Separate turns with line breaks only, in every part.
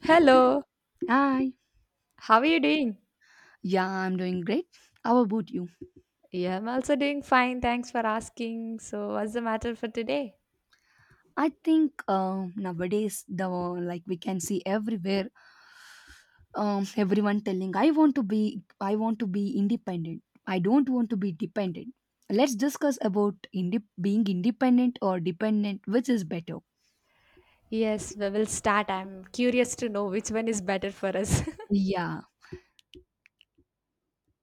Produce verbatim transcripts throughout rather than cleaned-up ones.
Hello,
Hi.
how are you doing?
Yeah, I'm doing great. How about you?
Yeah, I'm also doing fine. Thanks for asking. So, what's the matter for today?
I think uh, nowadays the like we can see everywhere um, everyone telling I want to be I want to be independent. I don't want to be dependent. Let's discuss about inde- being independent or dependent, which is better.
Yes, we will start. I'm curious to know which one is better for us.
Yeah,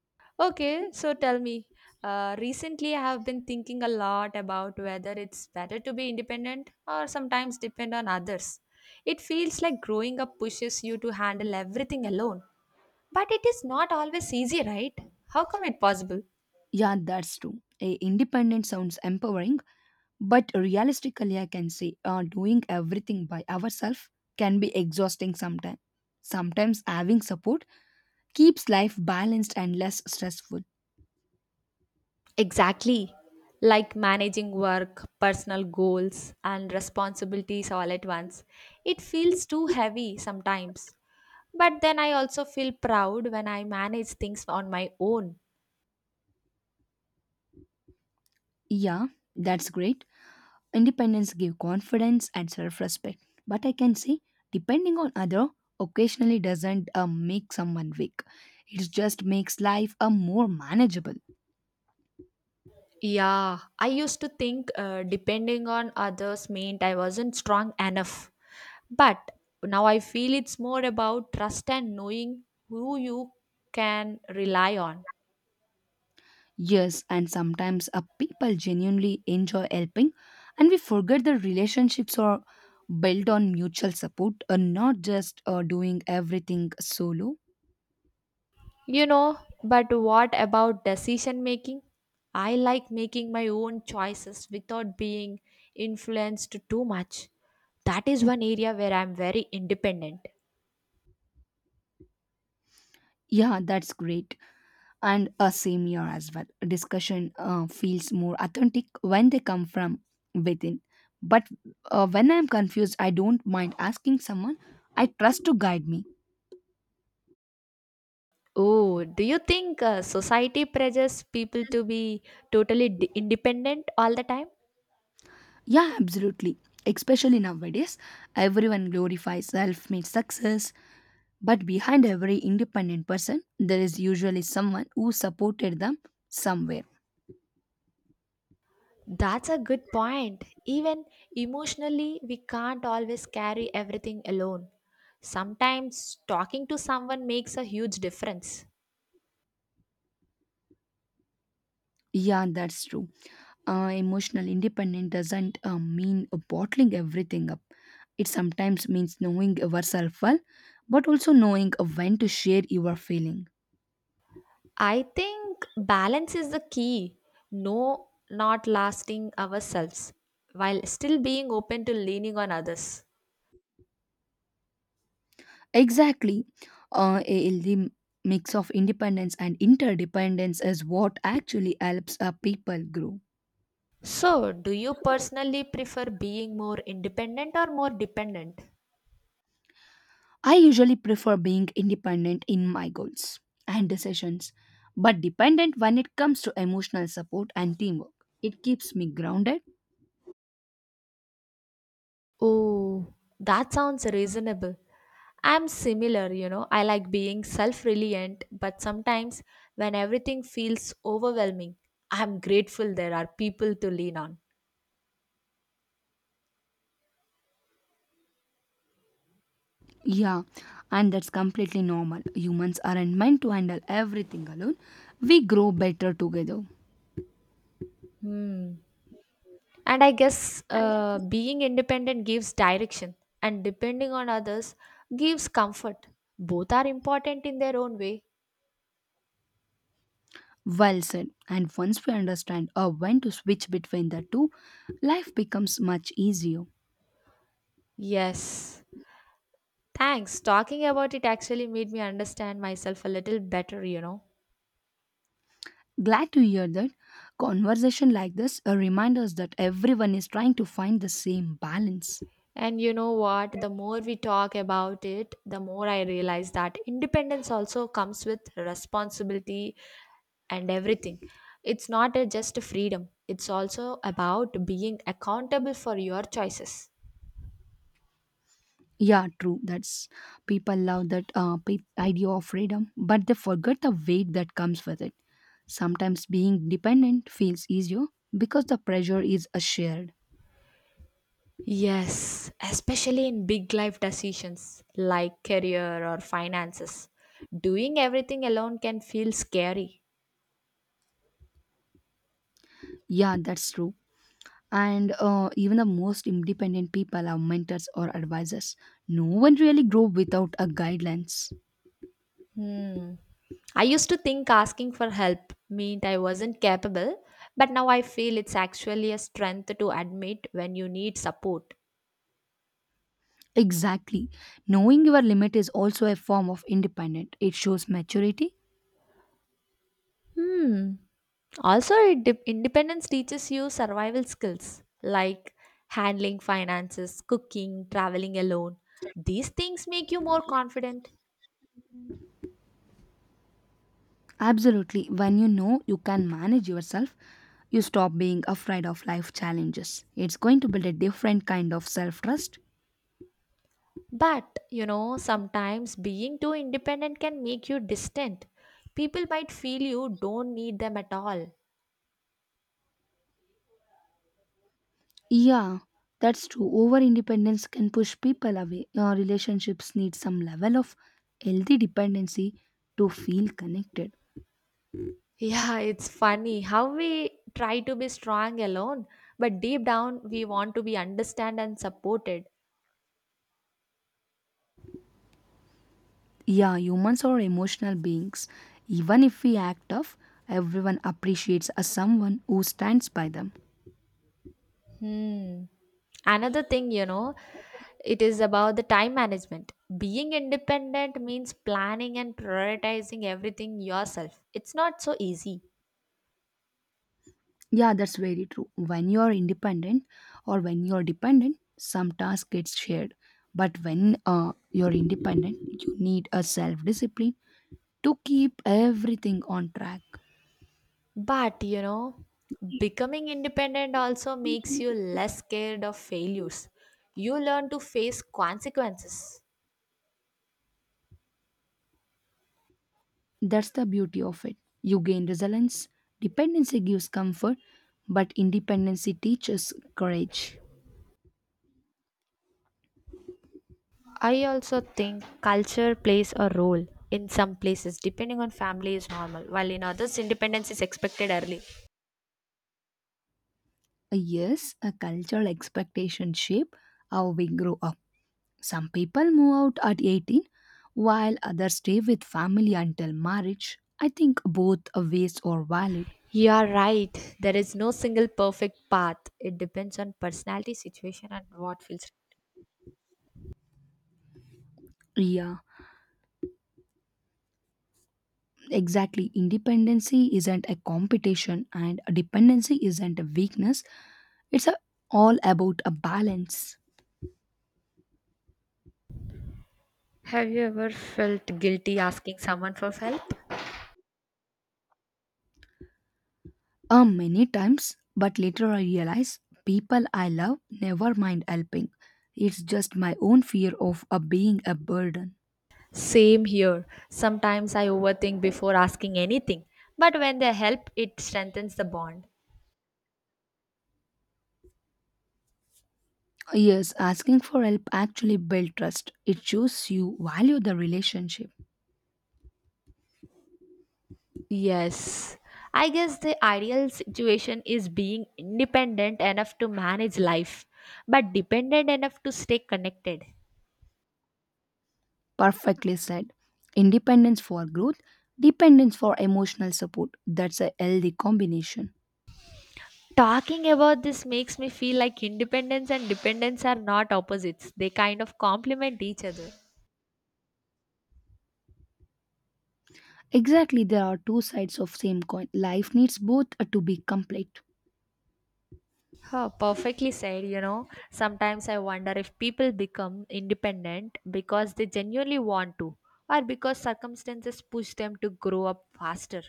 Okay, so tell me. Uh, recently, I have been thinking a lot about whether it's better to be independent or sometimes depend on others. It feels like growing up pushes you to handle everything alone. But it is not always easy, right? How come it possible?
yeah, that's true. A independent sounds empowering, but realistically, I can say uh, doing everything by ourselves can be exhausting sometimes. Sometimes having support keeps life balanced and less stressful.
Exactly. Like managing work, personal goals, and responsibilities all at once. It feels too heavy sometimes. But then I also feel proud when I manage things on my own.
Yeah, that's great. Independence give confidence and self-respect. But I can say depending on other occasionally doesn't uh, make someone weak. It just makes life a more manageable.
Yeah, I used to think uh, depending on others meant I wasn't strong enough. But now I feel it's more about trust and knowing who you can rely on.
Yes, and sometimes uh, people genuinely enjoy helping, and we forget the relationships are built on mutual support and not just uh, doing everything solo.
You know, but what about decision making? I like making my own choices without being influenced too much. That is one area where I'm very independent.
Yeah, that's great. And a same year as well. Discussion uh, feels more authentic when they come from within. But uh, when I'm confused, I don't mind asking someone I trust to guide me.
Oh, do you think uh, society pressures people to be totally d- independent all the time?
Yeah, absolutely. Especially nowadays, everyone glorifies self made success, but behind every independent person, there is usually someone who supported them somewhere.
That's a good point. Even emotionally, we can't always carry everything alone. Sometimes talking to someone makes a huge difference.
Yeah, that's true. Uh, emotional independence doesn't uh, mean bottling everything up. It sometimes means knowing yourself well, but also knowing when to share your feeling.
I think balance is the key. No, not lasting ourselves while still being open to leaning on others.
Exactly. Uh, a healthy mix of independence and interdependence is what actually helps uh, people grow.
So, do you personally prefer being more independent or more dependent?
I usually prefer being independent in my goals and decisions, but dependent when it comes to emotional support and teamwork. It keeps me grounded.
Oh, that sounds reasonable. I'm similar, you know. I like being self reliant, but sometimes when everything feels overwhelming, I'm grateful there are people to lean on.
Yeah, and that's completely normal. Humans aren't meant to handle everything alone. We grow better together.
Hmm. And I guess uh, being independent gives direction, and depending on others gives comfort. Both are important in their own way.
Well said. And once we understand or when to switch between the two, life becomes much easier.
Yes. Thanks. Talking about it actually made me understand myself a little better, you know.
Glad to hear that. Conversation like this uh, remind us that everyone is trying to find the same balance.
And you know what? The more we talk about it, the more I realize that independence also comes with responsibility and everything. It's not a just a freedom, it's also about being accountable for your choices.
Yeah, true. That's people love that uh, pe- idea of freedom, but they forget the weight that comes with it. Sometimes being dependent feels easier because the pressure is uh, shared.
Yes, especially in big life decisions like career or finances. Doing everything alone can feel scary.
Yeah, that's true. And uh, even the most independent people have mentors or advisors. No one really grow without a guidelines.
Hmm. I used to think asking for help meant I wasn't capable, but now I feel it's actually a strength to admit when you need support.
Exactly. Knowing your limit is also a form of independent. It shows maturity.
Hmm. Also, it de- independence teaches you survival skills like handling finances, cooking, traveling alone. These things make you more confident.
Absolutely. When you know you can manage yourself, you stop being afraid of life challenges. It's going to build a different kind of self trust.
But, you know, sometimes being too independent can make you distant. People might feel you don't need them at all.
Yeah, that's true. Over independence can push people away. Uh, relationships need some level of healthy dependency to feel connected.
Yeah, it's funny how we try to be strong alone, but deep down we want to be understood and supported.
Yeah, humans are emotional beings. Even if we act tough, everyone appreciates a someone who stands by them.
Hmm. Another thing, you know, it is about the time management. Being independent means planning and prioritizing everything yourself. It's not so easy.
Yeah, that's very true. When you are independent or when you are dependent, some task gets shared. But when uh, you're independent, you need a self discipline to keep everything on track.
But you know, becoming independent also makes you less scared of failures. You learn to face consequences.
That's the beauty of it. You gain resilience. Dependency gives comfort, but independency teaches courage.
I also think culture plays a role. In some places, depending on family is normal, while in others, independence is expected early.
Uh, Yes, a cultural expectation shape how we grow up. Some people move out at eighteen, while others stay with family until marriage. I think both ways are valid.
You are right. There is no single perfect path. It depends on personality, situation, and what feels.
Yeah, exactly. Independency isn't a competition, and dependency isn't a weakness. It's a, all about a balance.
Have you ever felt guilty asking someone for help?
Uh, many times, but later I realize people I love never mind helping. It's just my own fear of uh, being a burden.
Same here. Sometimes I overthink before asking anything, but when they help, it strengthens the bond.
Yes, asking for help actually builds trust. It shows you value the relationship.
Yes. I guess the ideal situation is being independent enough to manage life, but dependent enough to stay connected.
Perfectly said. Independence for growth, dependence for emotional support. That's a healthy combination.
Talking about this makes me feel like independence and dependence are not opposites, they kind of complement each other.
Exactly, there are two sides of same coin. Life needs both uh, to be complete.
Huh, perfectly said. You know, sometimes I wonder if people become independent because they genuinely want to, or because circumstances push them to grow up faster.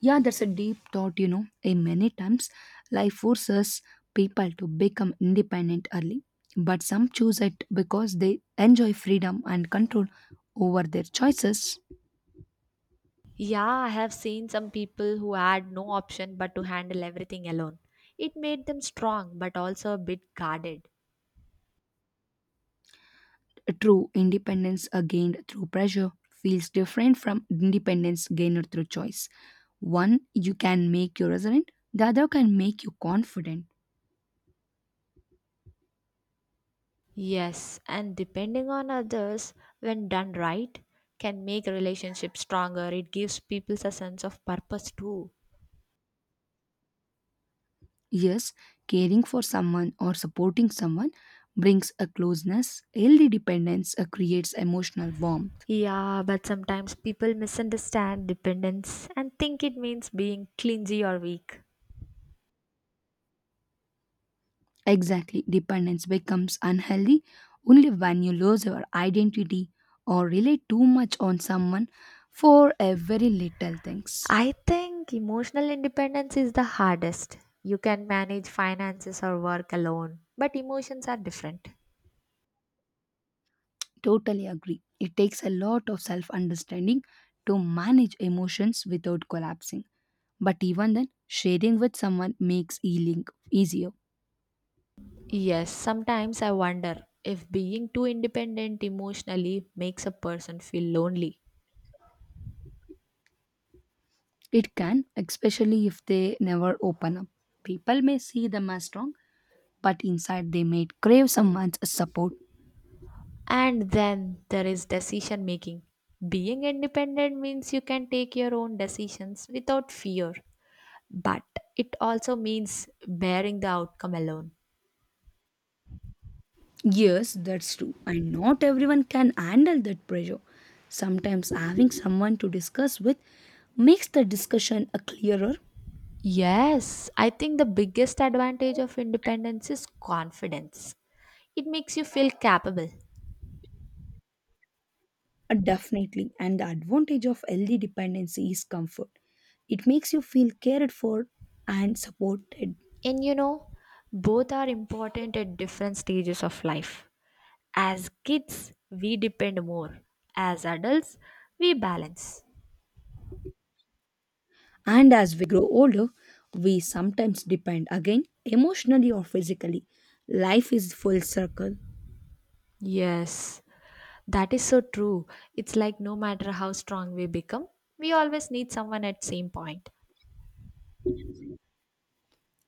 Yeah, that's a deep thought, you know. In many times, life forces people to become independent early, but some choose it because they enjoy freedom and control over their choices.
Yeah, I have seen some people who had no option but to handle everything alone. It made them strong but also a bit guarded.
True independence uh, gained through pressure feels different from independence gained through choice. One, you can make you resilient, the other can make you confident.
Yes, and depending on others, when done right, can make relationships stronger. It gives people a sense of purpose too.
Yes, caring for someone or supporting someone brings a closeness, healthy dependence uh, creates emotional warmth.
Yeah, but sometimes people misunderstand dependence and think it means being clingy or weak.
Exactly, dependence becomes unhealthy only when you lose your identity or rely too much on someone for a very little things.
I think emotional independence is the hardest. You can manage finances or work alone, but emotions are different.
Totally agree. It takes a lot of self understanding to manage emotions without collapsing. But even then, sharing with someone makes healing easier.
Yes, sometimes I wonder if being too independent emotionally makes a person feel lonely.
It can, especially if they never open up. People may see them as strong, but inside they may crave someone's support.
And then there is decision making. Being independent means you can take your own decisions without fear, but it also means bearing the outcome alone.
Yes, that's true. And not everyone can handle that pressure. Sometimes having someone to discuss with makes the discussion a clearer.
Yes, I think the biggest advantage of independence is confidence. It makes you feel capable.
Uh, definitely. And the advantage of healthy dependency is comfort. It makes you feel cared for and supported.
And you know, both are important at different stages of life. As kids, we depend more. As adults, we balance.
And as we grow older, we sometimes depend again emotionally or physically. Life is full circle.
Yes, that is so true. It's like no matter how strong we become, we always need someone at same point.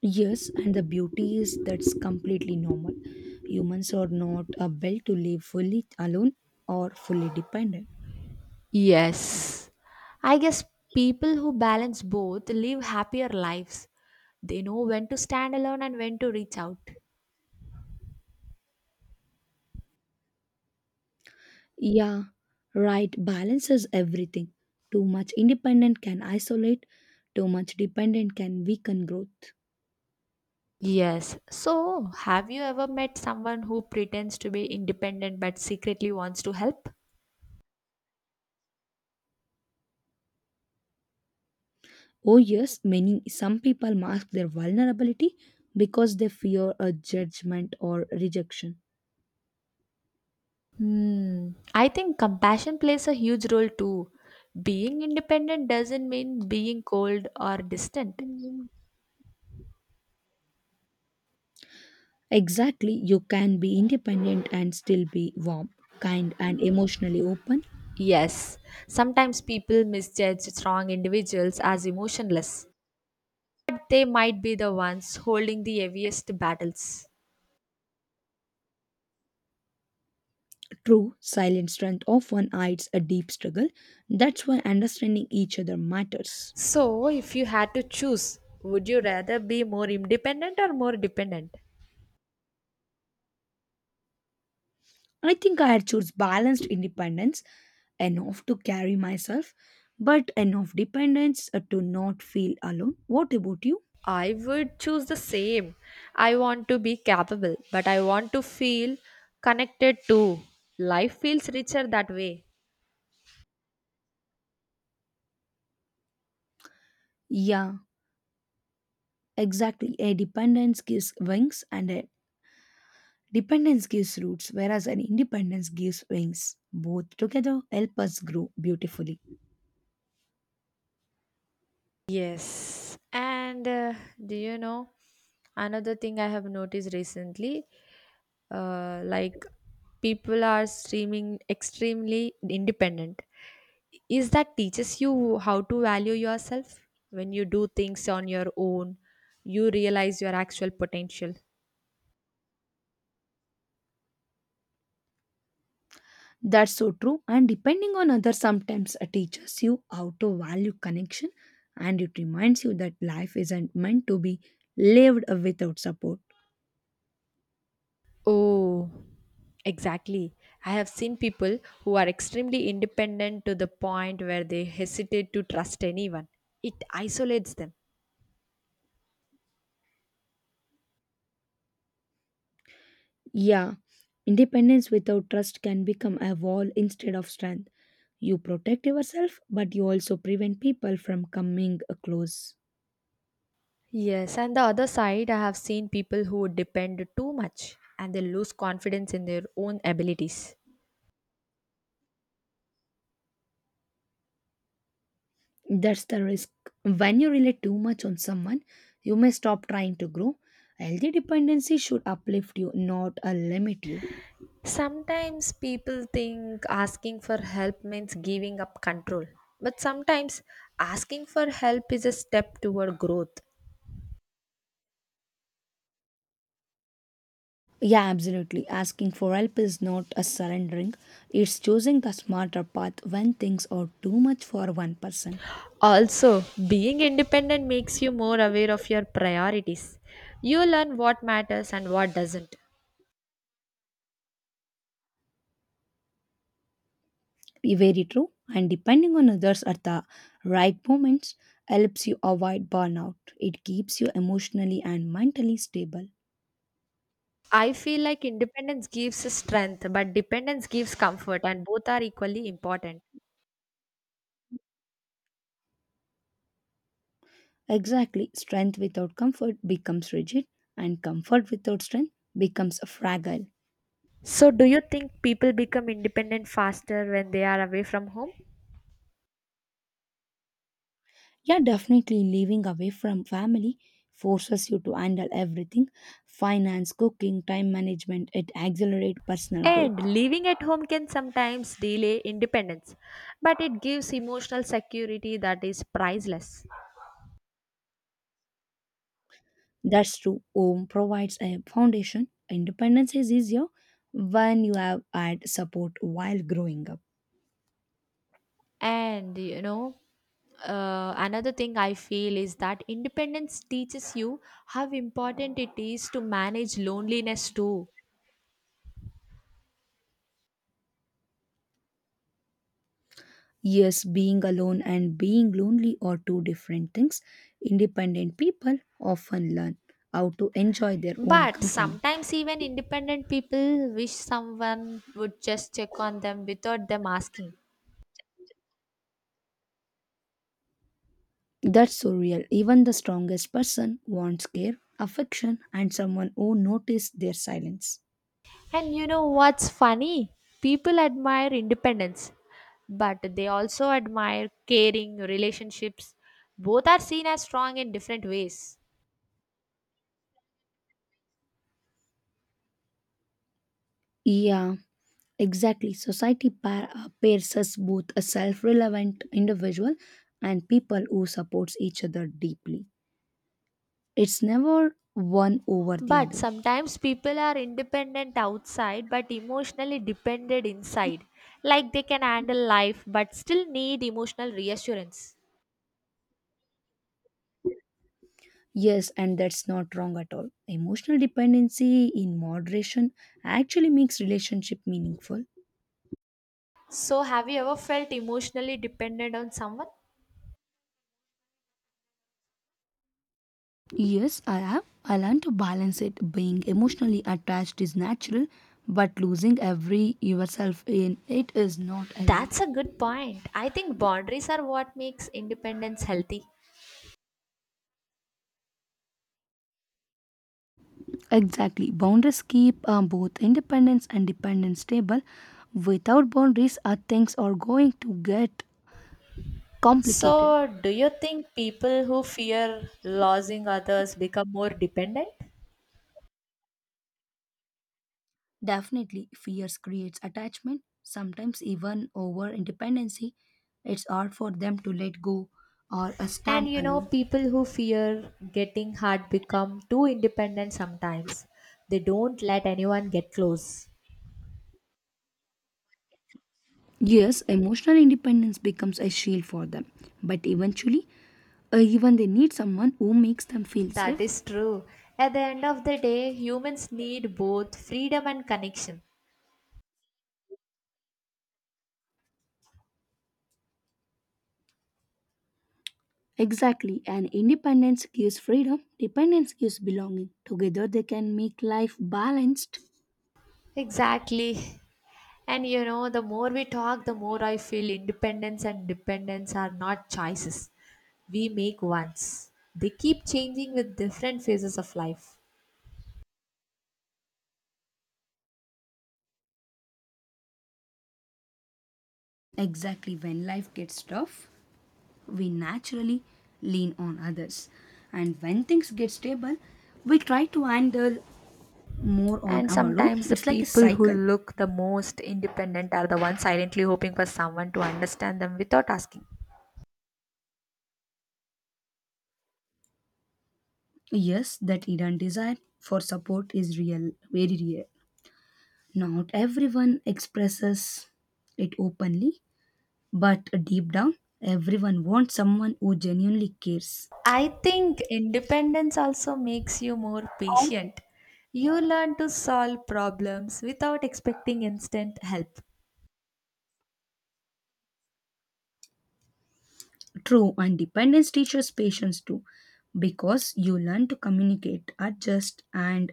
Yes, and the beauty is that's completely normal. Humans are not able to live fully alone or fully dependent.
Yes. I guess people who balance both live happier lives. They know when to stand alone and when to reach out.
Yeah, right. Balance is everything. Too much independent can isolate, too much dependent can weaken growth.
Yes. So, have you ever met someone who pretends to be independent but secretly wants to help?
Oh, yes, many some people mask their vulnerability because they fear a judgment or rejection.
Hmm. I think compassion plays a huge role too. Being independent doesn't mean being cold or distant.
Exactly, you can be independent and still be warm, kind, and emotionally open.
Yes. Sometimes people misjudge strong individuals as emotionless, but they might be the ones holding the heaviest battles.
True, silent strength often hides a deep struggle. That's why understanding each other matters.
So, if you had to choose, would you rather be more independent or more dependent?
I think I choose balanced independence, enough to carry myself, but enough dependence uh, to not feel alone. What about you?
I would choose the same. I want to be capable, but I want to feel connected too. Life feels richer that way.
Yeah, exactly. A dependence gives wings and a dependence gives roots, whereas an independence gives wings. Both together help us grow beautifully.
Yes. And uh, do you know another thing I have noticed recently? Uh, like people are streaming extremely independent. Is that teaches you how to value yourself when you do things on your own? You realize your actual potential.
That's so true. And depending on others, sometimes it teaches you how to value connection and it reminds you that life isn't meant to be lived without support.
Oh, exactly. I have seen people who are extremely independent to the point where they hesitate to trust anyone. It isolates them.
Yeah, independence without trust can become a wall instead of strength. You protect yourself, but you also prevent people from coming close.
Yes, and the other side, I have seen people who depend too much and they lose confidence in their own abilities.
That's the risk. When you rely too much on someone, you may stop trying to grow. Healthy dependency should uplift you, not uh, limit you.
Sometimes people think asking for help means giving up control, but sometimes asking for help is a step toward growth.
Yeah, absolutely. Asking for help is not a surrendering, it's choosing the smarter path when things are too much for one person.
Also, being independent makes you more aware of your priorities. You learn what matters and what doesn't.
Very true. And depending on others at the right moments helps you avoid burnout. It keeps you emotionally and mentally stable.
I feel like independence gives strength, but dependence gives comfort, and both are equally important.
Exactly. Strength without comfort becomes rigid, and comfort without strength becomes fragile.
So, do you think people become independent faster when they are away from home?
Yeah, definitely living away from family forces you to handle everything, finance, cooking, time management. It accelerates personal growth.
And living at home can sometimes delay independence, but it gives emotional security that is priceless.
That's true. Home provides a foundation. Independence is easier when you have had support while growing up.
And you know, uh, another thing I feel is that independence teaches you how important it is to manage loneliness too.
Yes, being alone and being lonely are two different things. Independent people often learn how to enjoy their own
But
company.
sometimes, even independent people wish someone would just check on them without them asking.
That's so real. Even the strongest person wants care, affection, and someone who notices their silence.
And you know what's funny? People admire independence, but they also admire caring relationships. Both are seen as strong in different ways.
Yeah, exactly. Society pair, uh, pairs us both a self-relevant individual and people who supports each other deeply. It's never one over the
But
other.
sometimes people are independent outside but emotionally dependent inside. Like they can handle life but still need emotional reassurance.
Yes, and that's not wrong at all. Emotional dependency in moderation actually makes relationship meaningful.
So, have you ever felt emotionally dependent on someone?
Yes, I have. I learned to balance it. Being emotionally attached is natural, but losing every yourself in it is not healthy.
That's a good point. I think boundaries are what makes independence healthy.
Exactly. Boundaries keep um, both independence and dependence stable. Without boundaries, uh, things are going to get complicated.
So, do you think people who fear losing others become more dependent?
Definitely, fears creates attachment. Sometimes even over independency, it's hard for them to let go or uh,
And
stand
you know,
alone.
people who fear getting hurt become too independent sometimes. They don't let anyone get close.
Yes, emotional independence becomes a shield for them, but eventually, uh, even they need someone who makes them feel
That
safe.
is true. At the end of the day, humans need both freedom and connection.
Exactly, and independence gives freedom, dependence gives belonging. Together, they can make life balanced.
Exactly. And you know, the more we talk, the more I feel independence and dependence are not choices we make once. They keep changing with different phases of life.
Exactly, when life gets tough, we naturally lean on others, and when things get stable, we try to handle more on
And
our own.
sometimes the
It's like a
people who
cycle.
look the most independent are the ones silently hoping for someone to understand them without asking.
Yes, that hidden desire for support is real, very real. Not everyone expresses it openly, but deep down, everyone wants someone who genuinely cares.
I think independence also makes you more patient. You learn to solve problems without expecting instant help.
True, and dependence teaches patience too, because you learn to communicate, adjust, and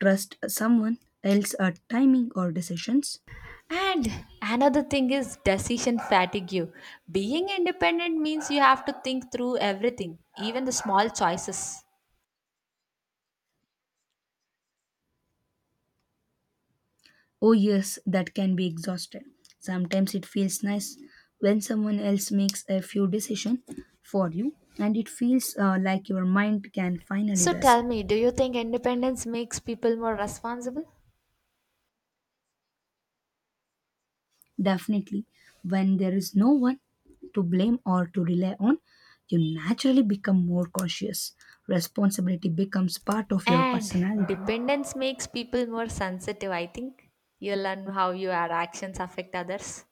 trust someone else at timing or decisions.
And another thing is decision fatigue. Being independent means you have to think through everything, even the small choices.
Oh, yes, that can be exhausted. Sometimes it feels nice when someone else makes a few decisions for you, and it feels uh, like your mind can finally
So tell
rest.
me, do you think independence makes people more responsible?
Definitely, when there is no one to blame or to rely on, you naturally become more cautious. Responsibility becomes part of your
And
personality.
dependence makes people more sensitive, I think. You learn how your actions affect others.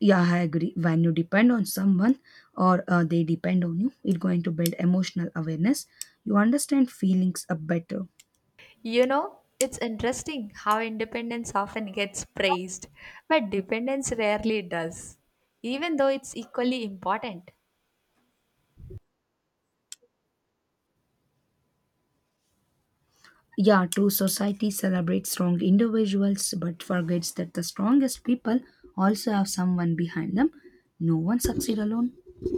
Yeah, I agree. When you depend on someone or uh, they depend on you, it's going to build emotional awareness. You understand feelings uh, better.
You know, it's interesting how independence often gets praised, but dependence rarely does, even though it's equally important.
Yeah, true. Society celebrates strong individuals but forgets that the strongest people also have someone behind them. No one succeeds alone.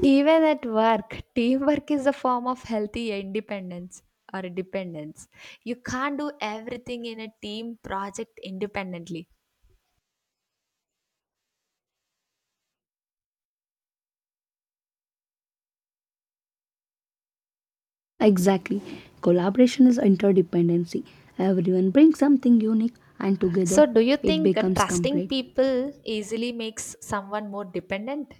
Even at work, teamwork is a form of healthy independence or dependence. You can't do everything in a team project independently.
Exactly. Collaboration is interdependency. Everyone brings something unique and together
So, do you
it
think uh,
becomes
trusting
complete.
people easily makes someone more dependent?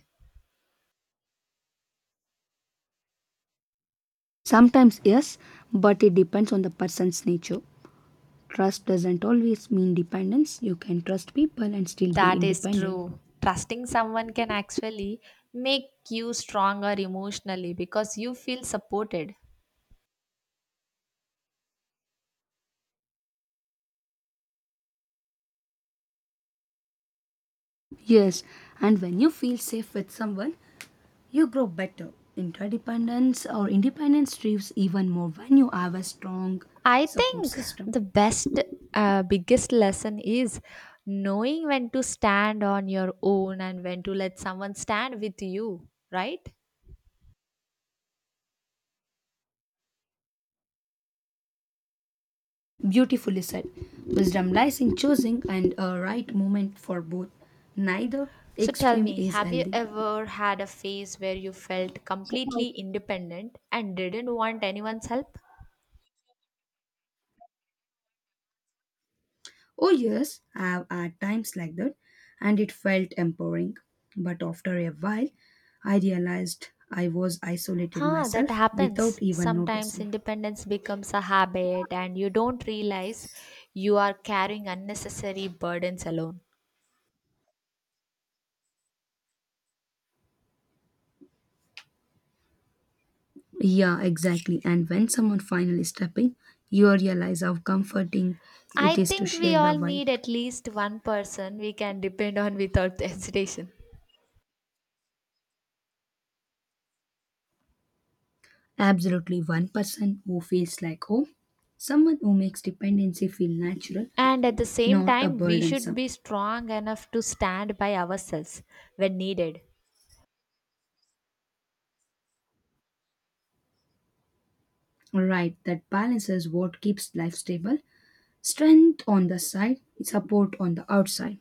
Sometimes, yes, but it depends on the person's nature. Trust doesn't always mean dependence. You can trust people and still be
That is
independent.
true. Trusting someone can actually make you stronger emotionally because you feel supported.
Yes, and when you feel safe with someone, you grow better. Interdependence or independence thrives even more when you have a strong
I
support
think
system.
the best, uh, biggest lesson is knowing when to stand on your own and when to let someone stand with you, right?
Beautifully said. Wisdom lies in choosing and a right moment for both. Neither
So tell
extreme
me,
is
have you
healthy.
ever had a phase where you felt completely independent and didn't want anyone's help?
Oh yes, I have had times like that and it felt empowering. But after a while, I realized I was isolated
Huh, that
myself without
happens.
even
Sometimes
noticing.
independence becomes a habit and you don't realize you are carrying unnecessary burdens alone.
Yeah, exactly. And when someone finally steps in, you realize how comforting it
I
is to
think we
share the
all
white.
need at least one person we can depend on without hesitation.
Absolutely, one person who feels like home, someone who makes dependency feel natural,
And at the same
not a
time, we should
burdensome.
be strong enough to stand by ourselves when needed.
Right, that balance is what keeps life stable. Strength on the side, support on the outside.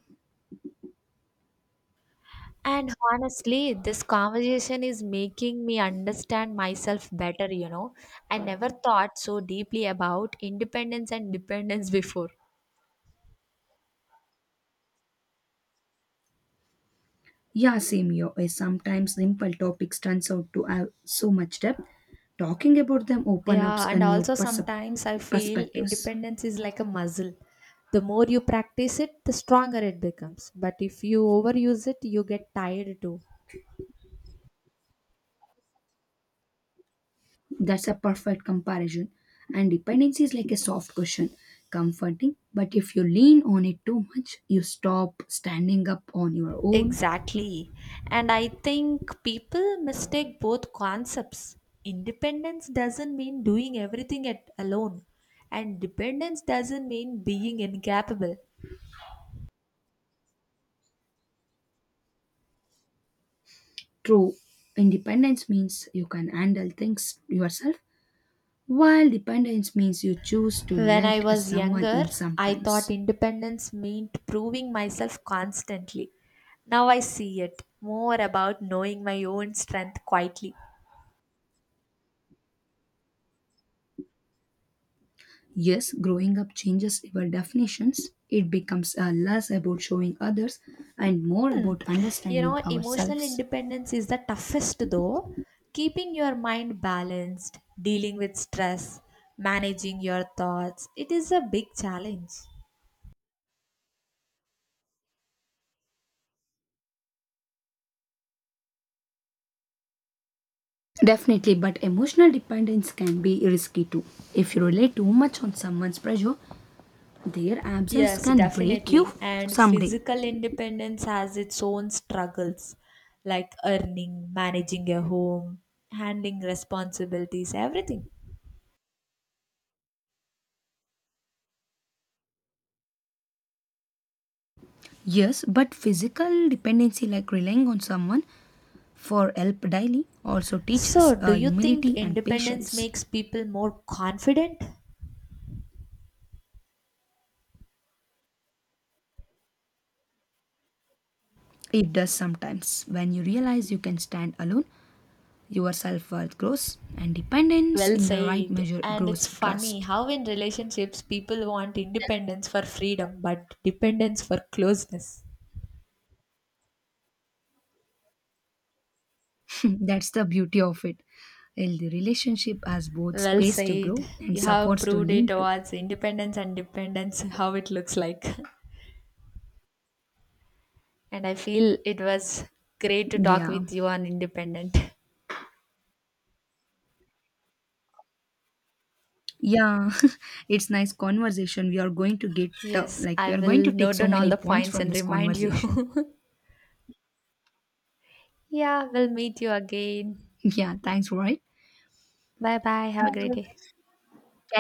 And honestly, this conversation is making me understand myself better, you know. I never thought so deeply about independence and dependence before.
Yeah, same here. Eh, sometimes simple topics turns out to have so much depth. Talking about them open up
Yeah,
a
and
new
also
percep-
sometimes I feel
perspectives.
independence is like a muscle. The more you practice it, the stronger it becomes. But if you overuse it, you get tired too.
That's a perfect comparison. And dependency is like a soft cushion, comforting, but if you lean on it too much, you stop standing up on your own.
Exactly. And I think people mistake both concepts. Independence doesn't mean doing everything at alone, and dependence doesn't mean being incapable.
True, independence means you can handle things yourself, while dependence means you choose to
When I
let
was
someone
younger,
in
I thought
sometimes.
independence meant proving myself constantly. Now I see it more about knowing my own strength quietly.
Yes, growing up changes your definitions. It becomes uh, less about showing others and more about
You
understanding
know, emotional
ourselves.
independence is the toughest though. Keeping your mind balanced, dealing with stress, managing your thoughts, it is a big challenge.
Definitely, but emotional dependence can be risky too. If you rely too much on someone's pressure, their absence
Yes,
can break you
definitely. And
someday.
physical independence has its own struggles, like earning, managing a home, handling responsibilities, everything.
Yes, but physical dependency, like relying on someone for help daily, also teaches
So, do
uh,
you think
humility and
independence
patience.
makes people more confident?
It does sometimes. When you realize you can stand alone, your self worth grows, and dependence
Well
in the right
said.
measure
And
grows
it's funny
trust.
how in relationships people want independence for freedom but dependence for closeness.
That's the beauty of it. Healthy relationship has both
Well
space to
said.
grow and
You have
supports to
proved it
lean to.
towards independence and dependence, how it looks like. And I feel it was great to talk
Yeah,
with you on independent.
yeah, it's nice conversation. We are going to get uh,
Yes,
like we
I
are going to
will
take
note
so
down all
many
the
points
points
from
and
this
remind you.
conversation.
Yeah, we'll meet you again.
Yeah, thanks, right?
Bye bye. Have a great day.